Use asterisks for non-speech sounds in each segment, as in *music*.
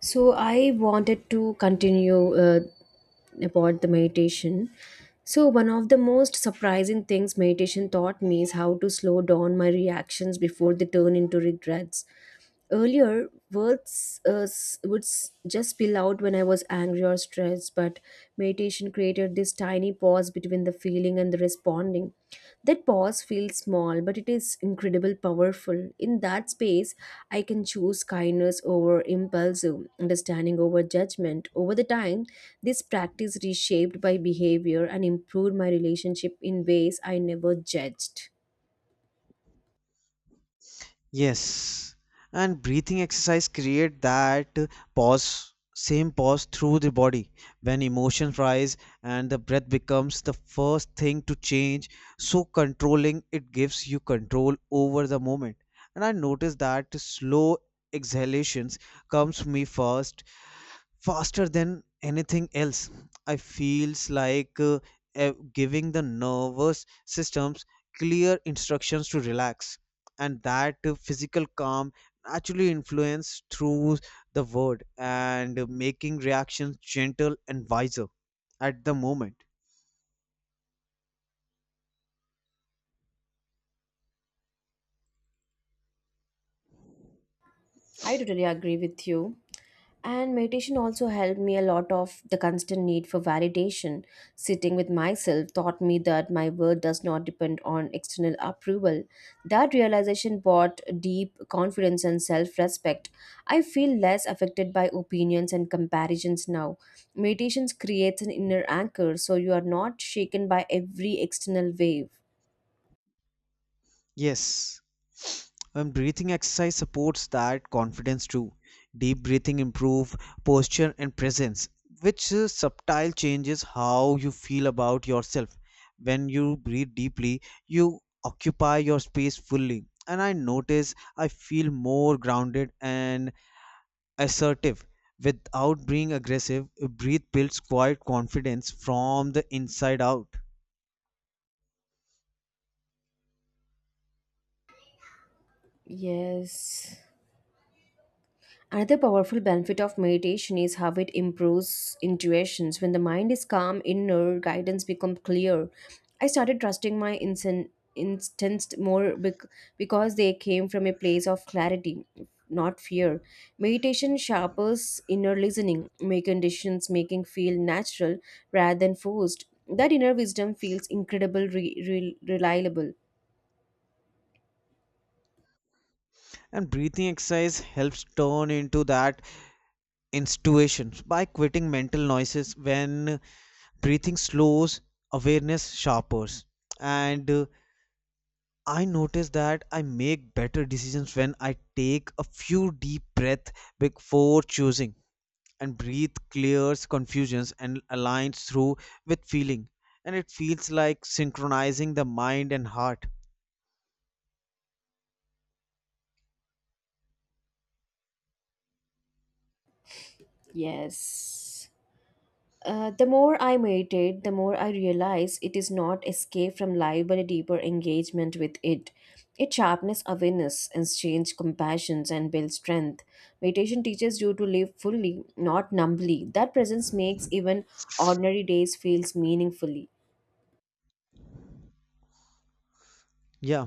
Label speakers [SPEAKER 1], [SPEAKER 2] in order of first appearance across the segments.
[SPEAKER 1] So I wanted to continue about the meditation. So one of the most surprising things meditation taught me is how to slow down my reactions before they turn into regrets. Earlier, words would just spill out when I was angry or stressed, but meditation created this tiny pause between the feeling and the responding. That pause feels small, but it is incredibly powerful. In that space, I can choose kindness over impulsive, understanding over judgment. Over the time, this practice reshaped my behavior and improved my relationship in ways I never judged.
[SPEAKER 2] Yes, and breathing exercise create that pause, same pause through the body. When emotions rise and the breath becomes the first thing to change, so controlling it gives you control over the moment. And I noticed that slow exhalations comes me first faster than anything else. I feels like giving the nervous systems clear instructions to relax, and that physical calm naturally influence through the word and making reactions gentle and wiser at the moment.
[SPEAKER 1] I totally agree with you. And meditation also helped me a lot of the constant need for validation. Sitting with myself taught me that my worth does not depend on external approval. That realization brought deep confidence and self respect. I feel less affected by opinions and comparisons now. Meditations creates an inner anchor so you are not shaken by every external wave.
[SPEAKER 2] Yes, when breathing exercise supports that confidence too. Deep breathing improve posture and presence, which subtle changes how you feel about yourself. When you breathe deeply, you occupy your space fully. And I notice I feel more grounded and assertive without being aggressive. Breathe builds quiet confidence from the inside out.
[SPEAKER 1] Yes. Another powerful benefit of meditation is how it improves intuitions. When the mind is calm, inner guidance becomes clear. I started trusting my instant instincts more because they came from a place of clarity, not fear. Meditation sharpens inner listening, making decisions making feel natural rather than forced. That inner wisdom feels incredible, reliable.
[SPEAKER 2] And breathing exercise helps turn into that intuitions by quitting mental noises when breathing slows, awareness sharpers. And I notice that I make better decisions when I take a few deep breaths before choosing. And breathe clears confusions and aligns through with feeling, and it feels like synchronizing the mind and heart.
[SPEAKER 1] Yes. The more I meditate, the more I realize it is not escape from life but a deeper engagement with it. It sharpens awareness, exchange compassions, and builds strength. Meditation teaches you to live fully, not numbly. That presence makes even ordinary days feels meaningfully.
[SPEAKER 2] Yeah.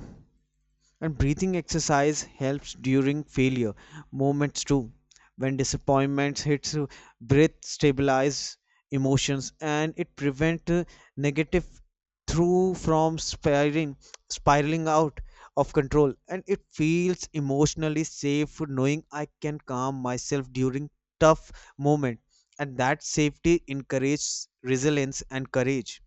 [SPEAKER 2] And breathing exercise helps during failure moments too. When disappointment hits, breath stabilizes emotions, and it prevents negative through from spiraling out of control. And it feels emotionally safe knowing I can calm myself during tough moment. And that safety encourages resilience and courage.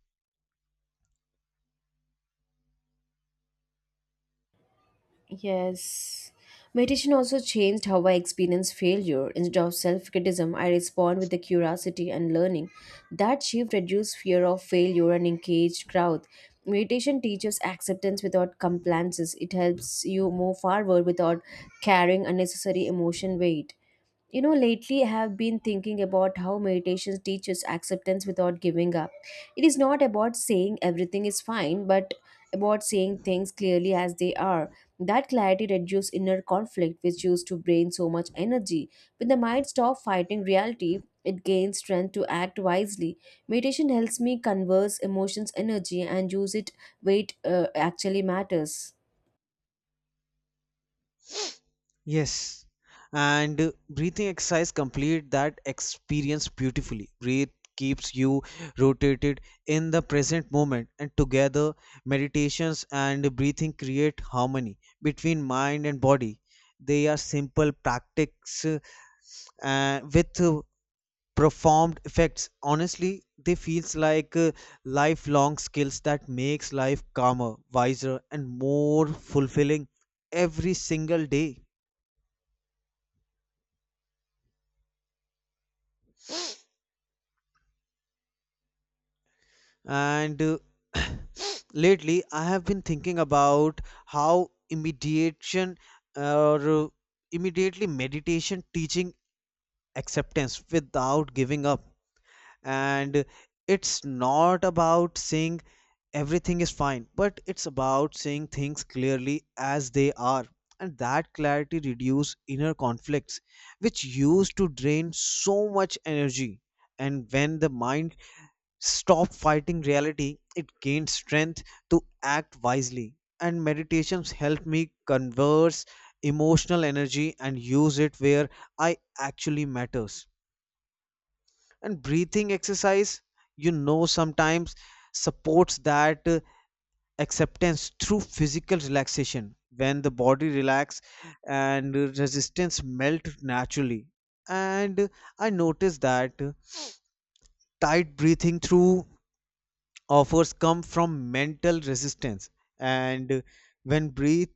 [SPEAKER 1] Yes. Meditation also changed how I experience failure. Instead of self criticism, I respond with the curiosity and learning. That shift reduced fear of failure and engaged growth. Meditation teaches acceptance without compliances. It helps you move forward without carrying unnecessary emotion weight. You know, lately I have been thinking about how meditation teaches acceptance without giving up. It is not about saying everything is fine, but about saying things clearly as they are. That clarity reduces inner conflict, which used to drain so much energy. When the mind stops fighting reality, it gains strength to act wisely. Meditation helps me converse emotions, energy, and use it weight, it actually matters.
[SPEAKER 2] Yes, and breathing exercise complete that experience beautifully. Breathe keeps you rotated in the present moment, and together, meditations and breathing create harmony between mind and body. They are simple practices with profound effects. Honestly, they feels like lifelong skills that makes life calmer, wiser, and more fulfilling every single day. And *coughs* *sniffs* lately, I have been thinking about how immediation or immediately meditation teaching acceptance without giving up. And it's not about saying everything is fine, but it's about saying things clearly as they are. And that clarity reduces inner conflicts, which used to drain so much energy. And when the mind stop fighting reality, it gains strength to act wisely. And meditations help me converse emotional energy and use it where I actually matters. And breathing exercise, sometimes supports that acceptance through physical relaxation. When the body relax and resistance melt naturally. And I noticed that tight breathing through offers come from mental resistance. And when breathe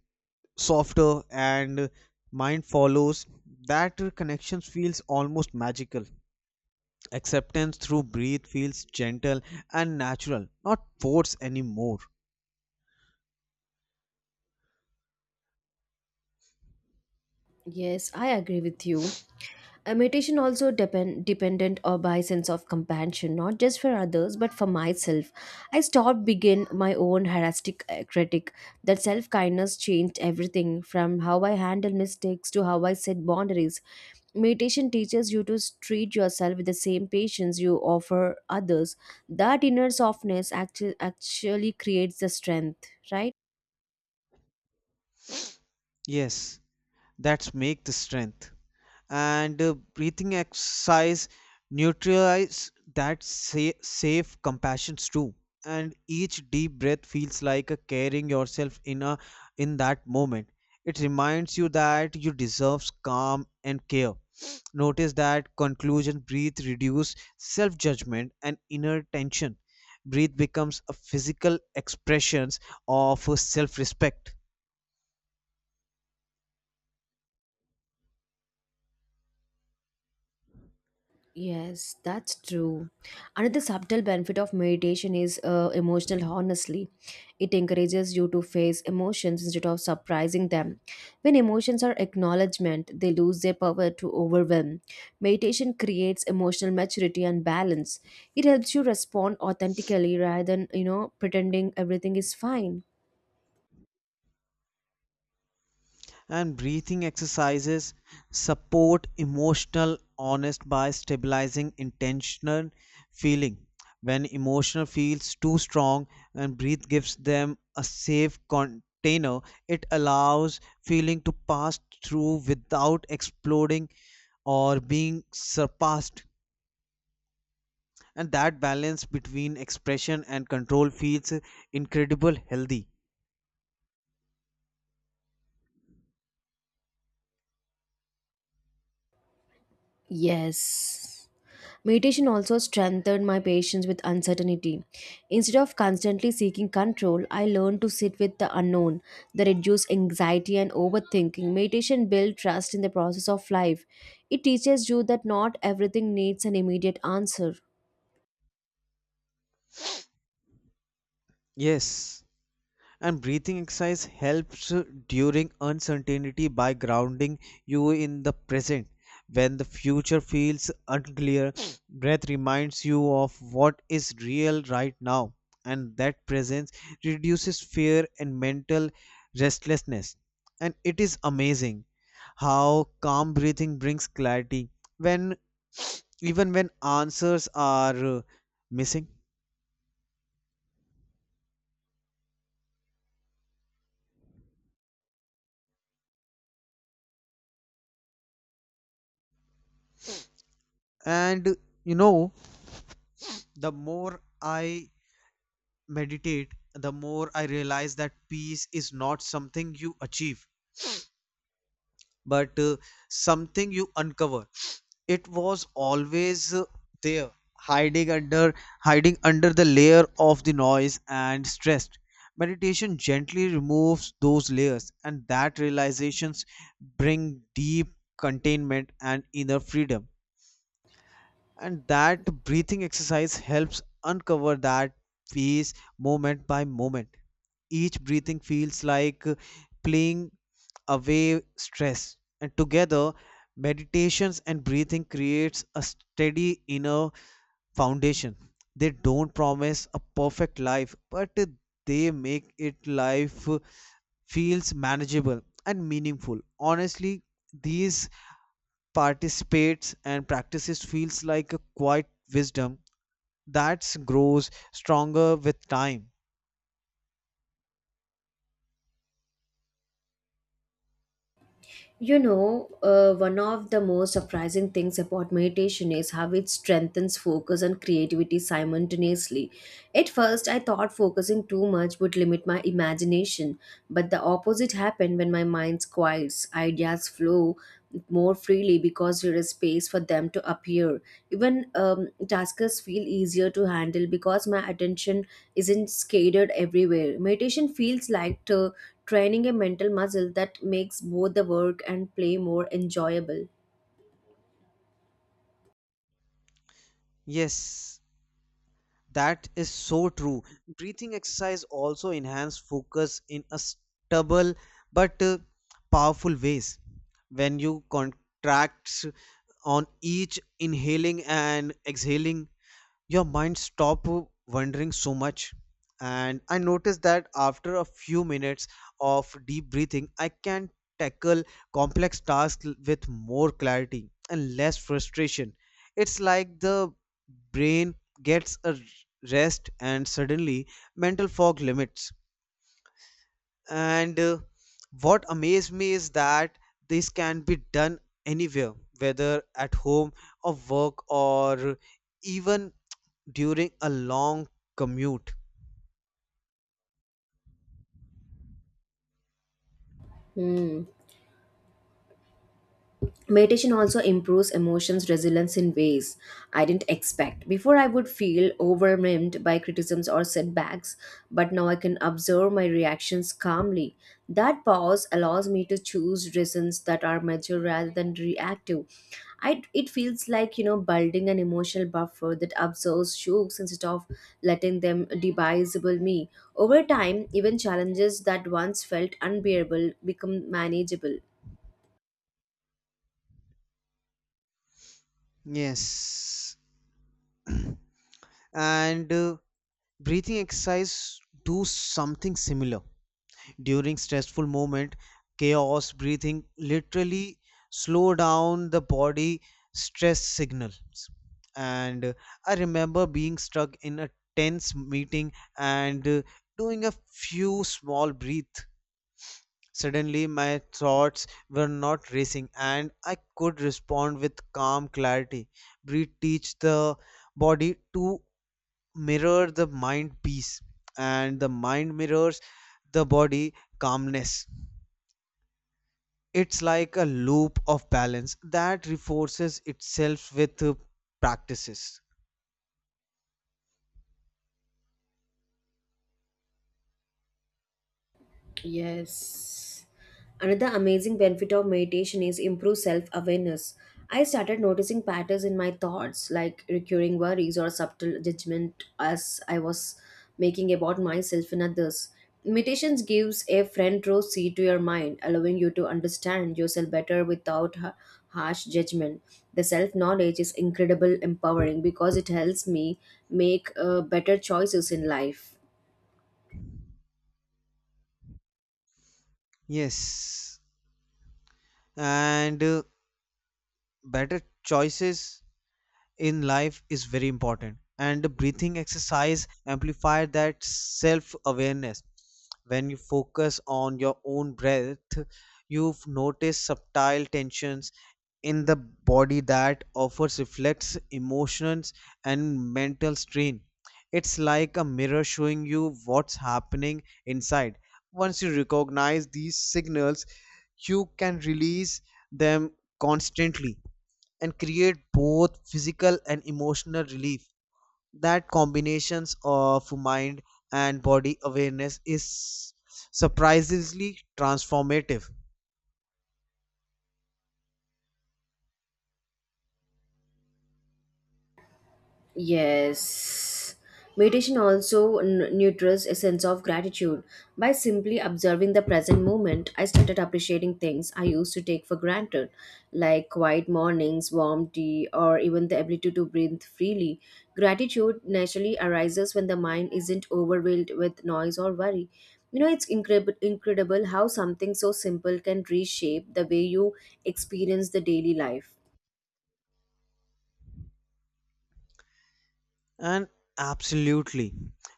[SPEAKER 2] softer and mind follows, that connection feels almost magical. Acceptance through breathe feels gentle and natural, not forced anymore.
[SPEAKER 1] Yes, I agree with you. Meditation also dependent or by sense of compassion, not just for others but for myself. I stopped begin my own heuristic critic. That self kindness changed everything from how I handle mistakes to how I set boundaries. Meditation teaches you to treat yourself with the same patience you offer others. That inner softness actually creates the strength, right?
[SPEAKER 2] Yes, that's make the strength. And breathing exercise neutralize that safe compassions too. And each deep breath feels like a carrying yourself in that moment. It reminds you that you deserve calm and care. *sniffs* Notice that conclusion breathe reduce self judgment and inner tension. Breathe becomes a physical expressions of self respect.
[SPEAKER 1] Yes, that's true. Another subtle benefit of meditation is emotional honesty. It encourages you to face emotions instead of surprising them. When emotions are acknowledgement, they lose their power to overwhelm. Meditation creates emotional maturity and balance. It helps you respond authentically rather than, pretending everything is fine.
[SPEAKER 2] And breathing exercises support emotional honest by stabilizing intentional feeling. When emotional feels too strong, and breath gives them a safe container, it allows feeling to pass through without exploding or being surpassed. And that balance between expression and control feels incredible healthy.
[SPEAKER 1] Yes. Meditation also strengthened my patience with uncertainty. Instead of constantly seeking control, I learned to sit with the unknown. That reduced anxiety and overthinking. Meditation built trust in the process of life. It teaches you that not everything needs an immediate answer.
[SPEAKER 2] Yes. And breathing exercise helps during uncertainty by grounding you in the present. When the future feels unclear, *sniffs* breath reminds you of what is real right now, and that presence reduces fear and mental restlessness. And it is amazing how calm breathing brings clarity when even when answers are missing. And you know, the more I meditate, the more I realize that peace is not something you achieve, but something you uncover. It was always there, hiding under hiding under the layer of the noise and stress. Meditation gently removes those layers, and that realizations bring deep contentment and inner freedom. And that breathing exercise helps uncover that piece moment by moment. Each breathing feels like playing away stress, and together, meditations and breathing creates a steady inner foundation. They don't promise a perfect life, but they make it life feels manageable and meaningful. Honestly, these participates and practices feels like a quiet wisdom that grows stronger with time.
[SPEAKER 1] You know, one of the most surprising things about meditation is how it strengthens focus and creativity simultaneously. At first, I thought focusing too much would limit my imagination, but the opposite happened when my mind quiets. Ideas flow more freely because there is space for them to appear. Even tasks feel easier to handle because my attention isn't scattered everywhere. Meditation feels like training a mental muscle that makes both the work and play more enjoyable.
[SPEAKER 2] Yes, that is so true. Breathing exercise also enhance focus in a stubble, but powerful ways. When you contract on each inhaling and exhaling, your mind stop wondering so much. And I noticed that after a few minutes of deep breathing, I can tackle complex tasks with more clarity and less frustration. It's like the brain gets a rest, and suddenly mental fog limits. And what amazed me is that this can be done anywhere, whether at home or work or even during a long commute.
[SPEAKER 1] Meditation also improves emotions resilience in ways I didn't expect. Before I would feel overwhelmed by criticisms or setbacks, but now I can observe my reactions calmly. That pause allows me to choose reasons that are mature rather than reactive. It feels like building an emotional buffer that absorbs shocks instead of letting them debasable me. Over time, even challenges that once felt unbearable become manageable.
[SPEAKER 2] Yes. *clears throat* And breathing exercise do something similar. During stressful moment, chaos breathing literally slow down the body stress signals. And I remember being stuck in a tense meeting and doing a few small breath. Suddenly, my thoughts were not racing, and I could respond with calm clarity. Breathe teach the body to mirror the mind peace, and the mind mirrors the body calmness. It's like a loop of balance that reinforces itself with practices.
[SPEAKER 1] Yes. Another amazing benefit of meditation is improved self awareness. I started noticing patterns in my thoughts, like recurring worries or subtle judgment as I was making about myself and others. Meditations gives a front row seat to your mind, allowing you to understand yourself better without harsh judgment. The self knowledge is incredible empowering because it helps me make better choices in life.
[SPEAKER 2] Yes, and better choices in life is very important, and the breathing exercise amplify that self awareness. When you focus on your own breath, you notice subtle tensions in the body that offers reflects emotions and mental strain. It's like a mirror showing you what's happening inside. Once you recognize these signals, you can release them constantly and create both physical and emotional relief. That combinations of mind and body awareness is surprisingly transformative.
[SPEAKER 1] Yes. Meditation also nurtures a sense of gratitude. By simply observing the present moment, I started appreciating things I used to take for granted, like quiet mornings, warm tea, or even the ability to breathe freely. Gratitude naturally arises when the mind isn't overwhelmed with noise or worry. You know, it's incredible how something so simple can reshape the way you experience the daily life.
[SPEAKER 2] And absolutely,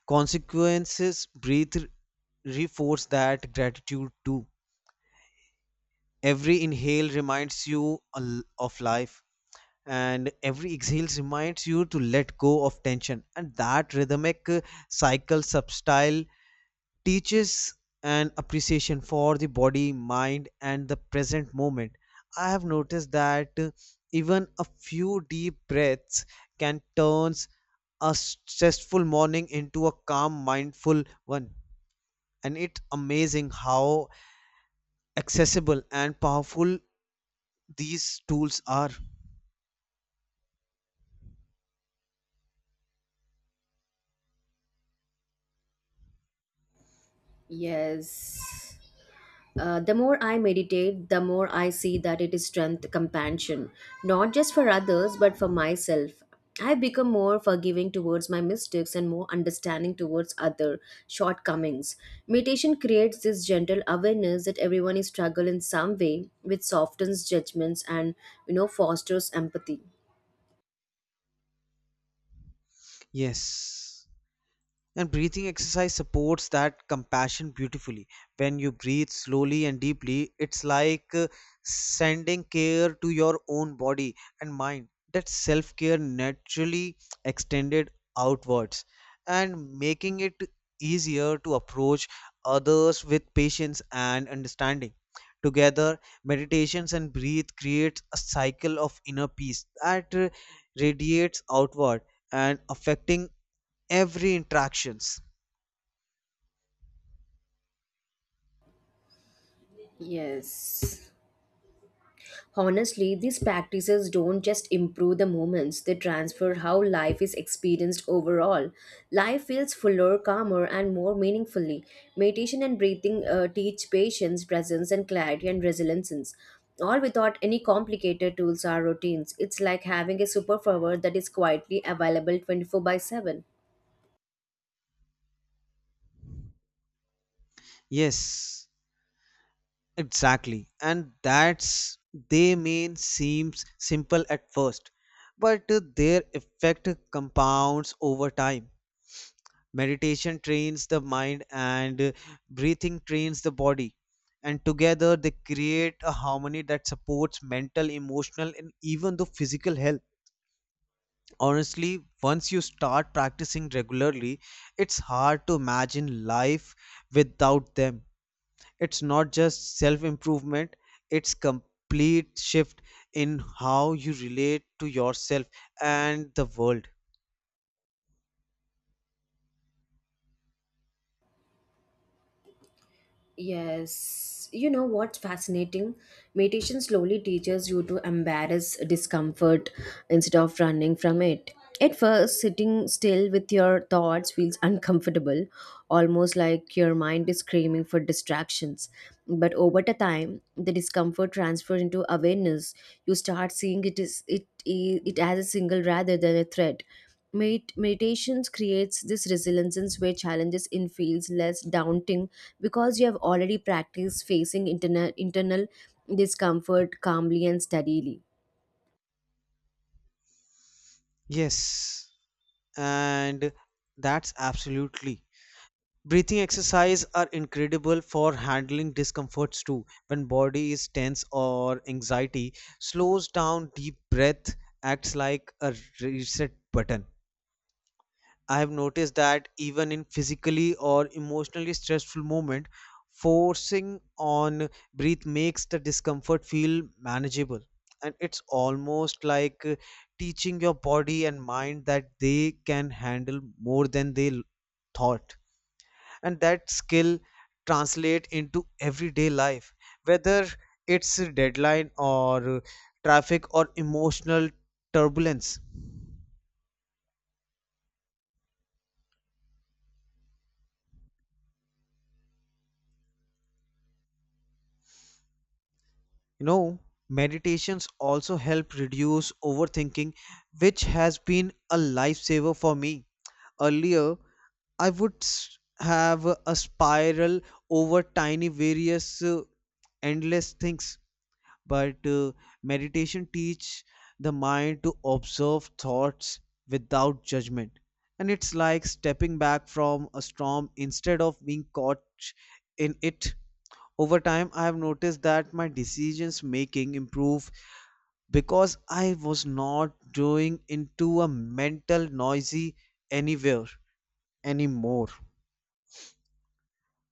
[SPEAKER 2] consequences breathe reinforce that gratitude too. Every inhale reminds you of life, and every exhale reminds you to let go of tension. And that rhythmic cycle, subtle teaches an appreciation for the body, mind, and the present moment. I have noticed that even a few deep breaths can turn a stressful morning into a calm, mindful one. And it's amazing how accessible and powerful these tools are.
[SPEAKER 1] Yes. The more I meditate, the more I see that it is strength, compassion, not just for others, but for myself. I become more forgiving towards my mistakes and more understanding towards other shortcomings. Meditation creates this gentle awareness that everyone is struggle in some way, which softens judgments and fosters empathy.
[SPEAKER 2] Yes. And breathing exercise supports that compassion beautifully. When you breathe slowly and deeply, it's like sending care to your own body and mind. That self care naturally extended outwards and making it easier to approach others with patience and understanding. Together, meditations and breathe creates a cycle of inner peace that radiates outward and affecting every interactions.
[SPEAKER 1] Yes. Honestly, these practices don't just improve the moments, they transfer how life is experienced overall. Life feels fuller, calmer, and more meaningfully. Meditation and breathing teach patience, presence, and clarity and resilience. All without any complicated tools or routines. It's like having a superpower that is quietly available 24/7.
[SPEAKER 2] Yes, exactly. And that's they may seem simple at first, but their effect compounds over time. Meditation trains the mind and breathing trains the body. And together they create a harmony that supports mental, emotional, and even the physical health. Honestly, once you start practicing regularly, it's hard to imagine life without them. It's not just self improvement, it's complete shift in how you relate to yourself and the world.
[SPEAKER 1] Yes, you know what's fascinating? Meditation slowly teaches you to embrace discomfort instead of running from it. At first, sitting still with your thoughts feels uncomfortable, almost like your mind is screaming for distractions. But over the time, the discomfort transfers into awareness. You start seeing it is it as a single rather than a threat. Meditation creates this resilience where challenges in feels less daunting because you have already practiced facing internal discomfort calmly and steadily.
[SPEAKER 2] Yes, and that's absolutely, breathing exercise are incredible for handling discomforts too. When body is tense or anxiety slows down, deep breath acts like a reset button. I have noticed that even in physically or emotionally stressful moment, forcing on breath makes the discomfort feel manageable. And it's almost like teaching your body and mind that they can handle more than they thought. And that skill translate into everyday life, whether it's a deadline or traffic or emotional turbulence. You know, meditations also help reduce overthinking, which has been a lifesaver for me. Earlier, I would have a spiral over tiny, various, endless things. But meditation teach the mind to observe thoughts without judgment, and it's like stepping back from a storm instead of being caught in it. Over time, I have noticed that my decisions making improve because I was not going into a mental noisy anywhere anymore.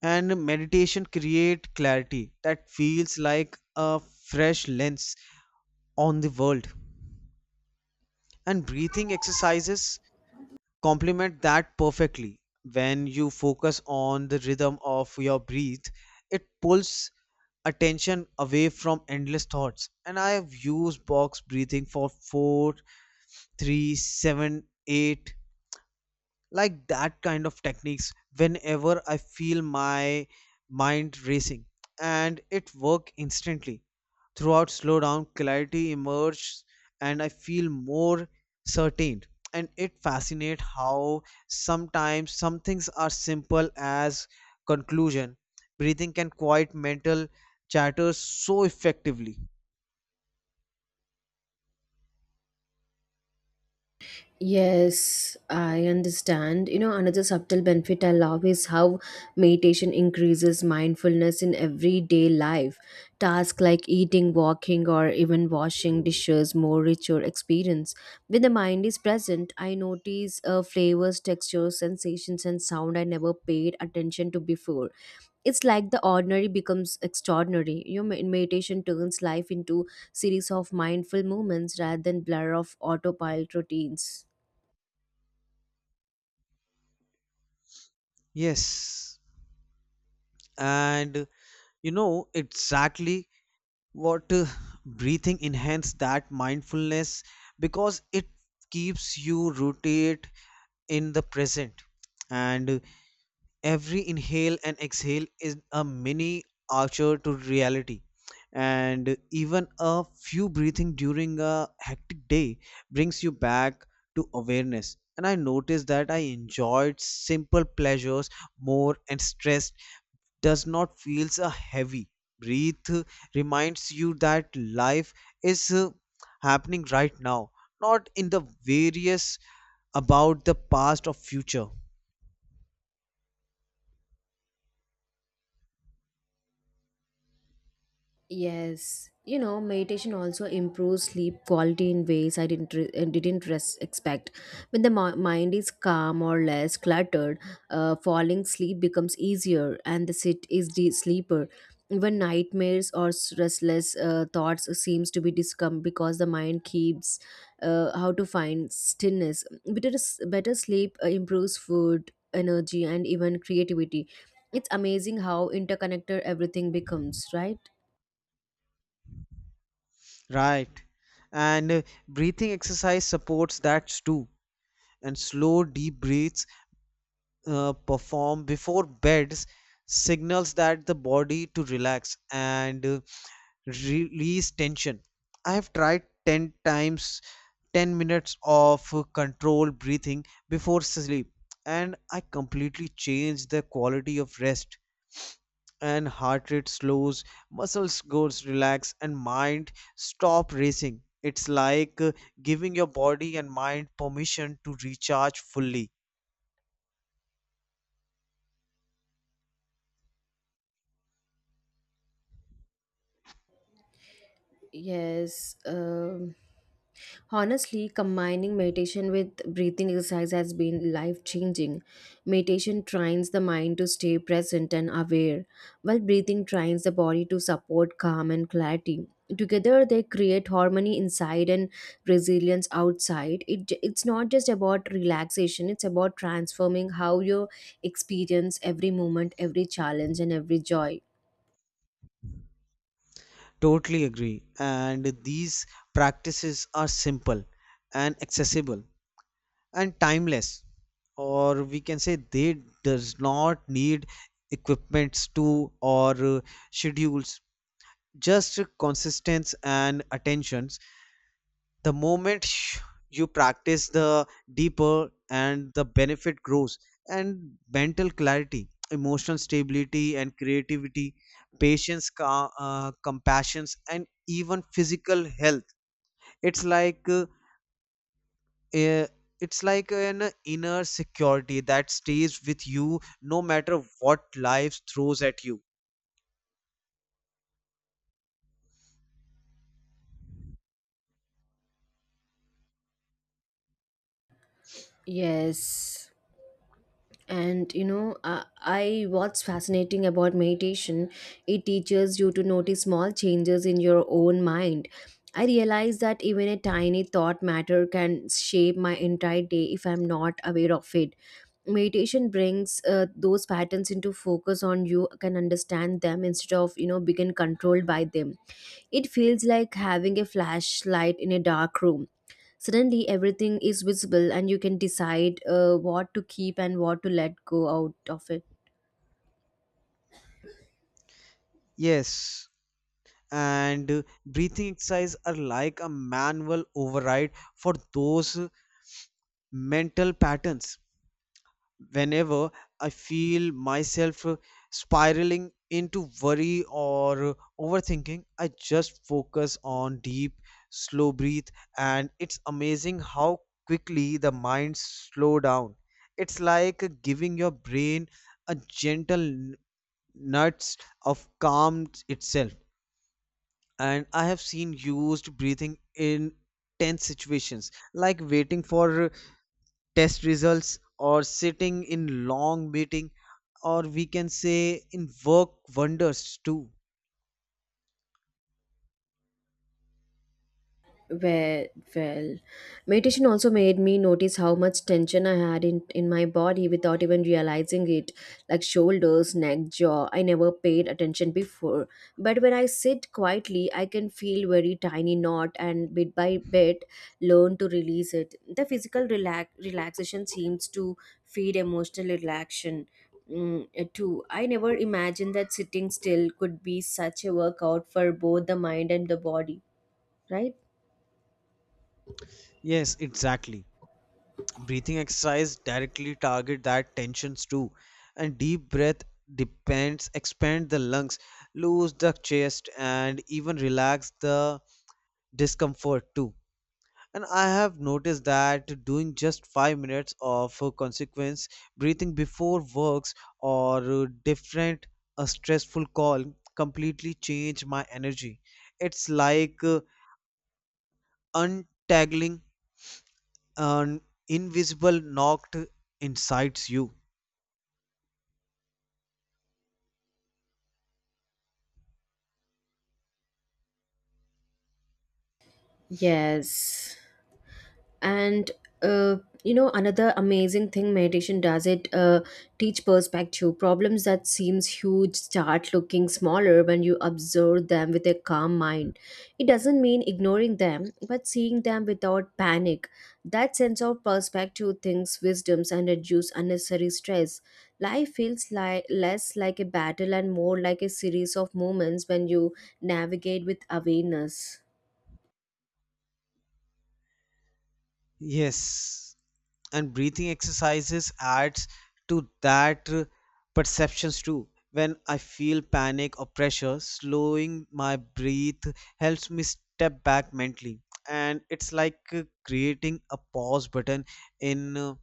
[SPEAKER 2] And meditation create clarity that feels like a fresh lens on the world. And breathing exercises complement that perfectly. When you focus on the rhythm of your breath, it pulls attention away from endless thoughts. And I have used box breathing for four, three, seven, eight, like that kind of techniques whenever I feel my mind racing, and it work instantly throughout slowdown, clarity emerges, and I feel more certain. And it fascinates how sometimes some things are simple as conclusion breathing can quiet mental chatter so effectively.
[SPEAKER 1] Yes, I understand. You know, another subtle benefit I love is how meditation increases mindfulness in everyday life. Tasks like eating, walking, or even washing dishes more rich your experience. When the mind is present, I notice flavors, textures, sensations, and sound I never paid attention to before. It's like the ordinary becomes extraordinary. Your meditation turns life into series of mindful moments rather than blur of autopilot routines.
[SPEAKER 2] Yes. And you know exactly what breathing enhance that mindfulness, because it keeps you rooted in the present. And every inhale and exhale is a mini archer to reality. And even a few breathing during a hectic day brings you back to awareness, and I noticed that I enjoyed simple pleasures more and stressed does not feels a heavy. Breathe reminds you that life is happening right now, not in the various about the past or future.
[SPEAKER 1] Yes, you know, meditation also improves sleep quality in ways I didn't expect. When the mind is calm or less cluttered, falling sleep becomes easier, and the sit is the sleeper. Even nightmares or restless thoughts seems to be discom because the mind keeps how to find stillness. Better sleep improves food, energy, and even creativity. It's amazing how interconnected everything becomes, right?
[SPEAKER 2] Right. And breathing exercise supports that too. And slow deep breaths performed before beds signals that the body to relax and release tension. I have tried 10 times 10 minutes of controlled breathing before sleep, and I completely change the quality of rest. And heart rate slows, muscles goes relax, and mind stop racing. It's like giving your body and mind permission to recharge fully.
[SPEAKER 1] Yes. Honestly, combining meditation with breathing exercise has been life changing. Meditation trains the mind to stay present and aware, while breathing trains the body to support calm and clarity. Together, they create harmony inside and resilience outside. It's not just about relaxation, it's about transforming how you experience every moment, every challenge, and every joy.
[SPEAKER 2] Totally agree. And these practices are simple and accessible and timeless, or we can say they does not need equipments to or schedules, just consistency and attentions. The moment you practice, the deeper and the benefit grows. And mental clarity, emotional stability and creativity, patience, compassions, and even physical health, it's like uh, uh, it's like an inner security that stays with you no matter what life throws at you.
[SPEAKER 1] Yes. And you know, I what's fascinating about meditation, it teaches you to notice small changes in your own mind. I realize that even a tiny thought matter can shape my entire day if I'm not aware of it. Meditation brings those patterns into focus on you can understand them instead of begin controlled by them. It feels like having a flashlight in a dark room suddenly everything is visible and you can decide what to keep and what to let go out of it.
[SPEAKER 2] Yes. And breathing exercises are like a manual override for those mental patterns whenever I feel myself spiraling into worry or overthinking. I just focus on deep, slow breath, and it's amazing how quickly the mind slow down. It's like giving your brain a gentle nuts of calm itself. And I have seen used breathing in tense situations, like waiting for test results or sitting in long meeting, or we can say in work wonders too.
[SPEAKER 1] Well, well, meditation also made me notice how much tension I had in my body without even realizing it, like shoulders, neck, jaw. I never paid attention before. But when I sit quietly, I can feel very tiny knot and bit by bit learn to release it. The physical relaxation seems to feed emotional relaxation. Mm, too. I never imagined that sitting still could be such a workout for both the mind and the body, right?
[SPEAKER 2] Yes, exactly. Breathing exercise directly target that tensions too. And deep breath depends expand the lungs, loose the chest and even relax the discomfort too. And I have noticed that doing just 5 minutes of consequence breathing before works or different a stressful call completely change my energy. It's like untangling an invisible knot insides you.
[SPEAKER 1] Yes. And uh, you know another amazing thing meditation does it teach perspective problems that seems huge start looking smaller when you observe them with a calm mind. It doesn't mean ignoring them but seeing them without panic. That sense of perspective things wisdoms and reduce unnecessary stress. Life feels like less like a battle and more like a series of moments when you navigate with awareness.
[SPEAKER 2] Yes, and breathing exercises adds to that perceptions too. When I feel panic or pressure, slowing my breath helps me step back mentally, and it's like creating a pause button in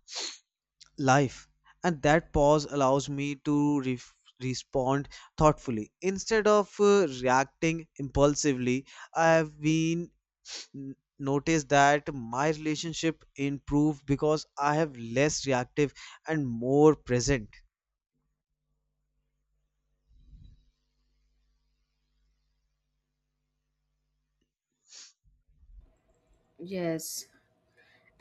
[SPEAKER 2] life. And that pause allows me to respond thoughtfully instead of reacting impulsively. I have been notice that my relationship improved because I have less reactive and more present.
[SPEAKER 1] Yes.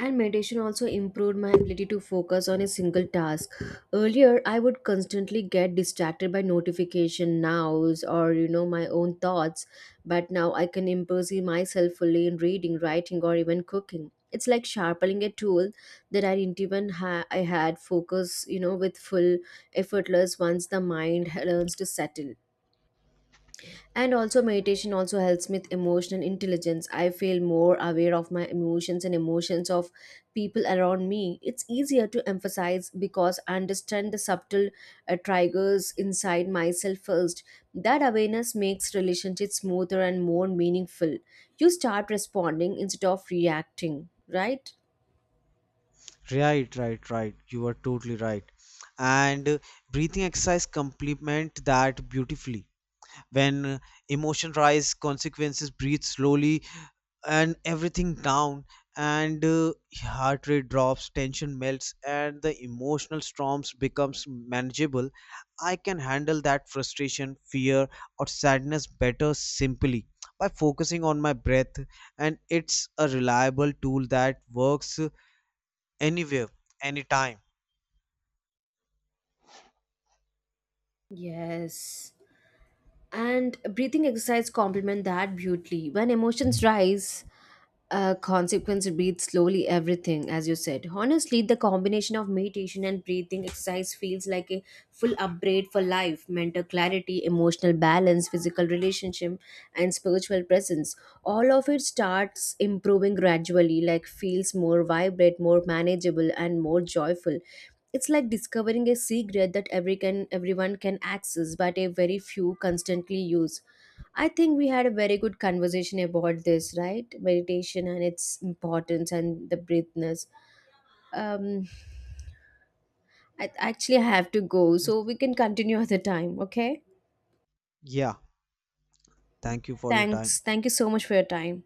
[SPEAKER 1] And meditation also improved my ability to focus on a single task. Earlier, I would constantly get distracted by notification nows or my own thoughts, but now I can immerse myself fully in reading, writing, or even cooking. It's like sharpening a tool that I didn't even I had focus, with full effortless once the mind learns to settle. And also meditation also helps with emotional intelligence. I feel more aware of my emotions and emotions of people around me. It's easier to emphasize because I understand the subtle triggers inside myself first. That awareness makes relationships smoother and more meaningful. You start responding instead of reacting, right?
[SPEAKER 2] Right, right, right. You are totally right. And breathing exercise complement that beautifully. When emotion rise, consequences breathe slowly and everything down, and heart rate drops tension melts and the emotional storms becomes manageable. I can handle that frustration fear or sadness better simply by focusing on my breath, and it's a reliable tool that works anywhere anytime.
[SPEAKER 1] Yes. And breathing exercise complement that beautifully. When emotions rise, consequence beats slowly everything, as you said. Honestly, the combination of meditation and breathing exercise feels like a full upgrade for life mental clarity, emotional balance, physical relationship, and spiritual presence. All of it starts improving gradually, like feels more vibrant, more manageable, and more joyful. It's like discovering a secret that everyone can access, but a very few constantly use. I think we had a very good conversation about this, right? Meditation and its importance and the breathness. Um, I actually have to go, so we can continue *laughs* at the time, okay?
[SPEAKER 2] Yeah. Thank you for your time.
[SPEAKER 1] Thanks. Thank you so much for your time.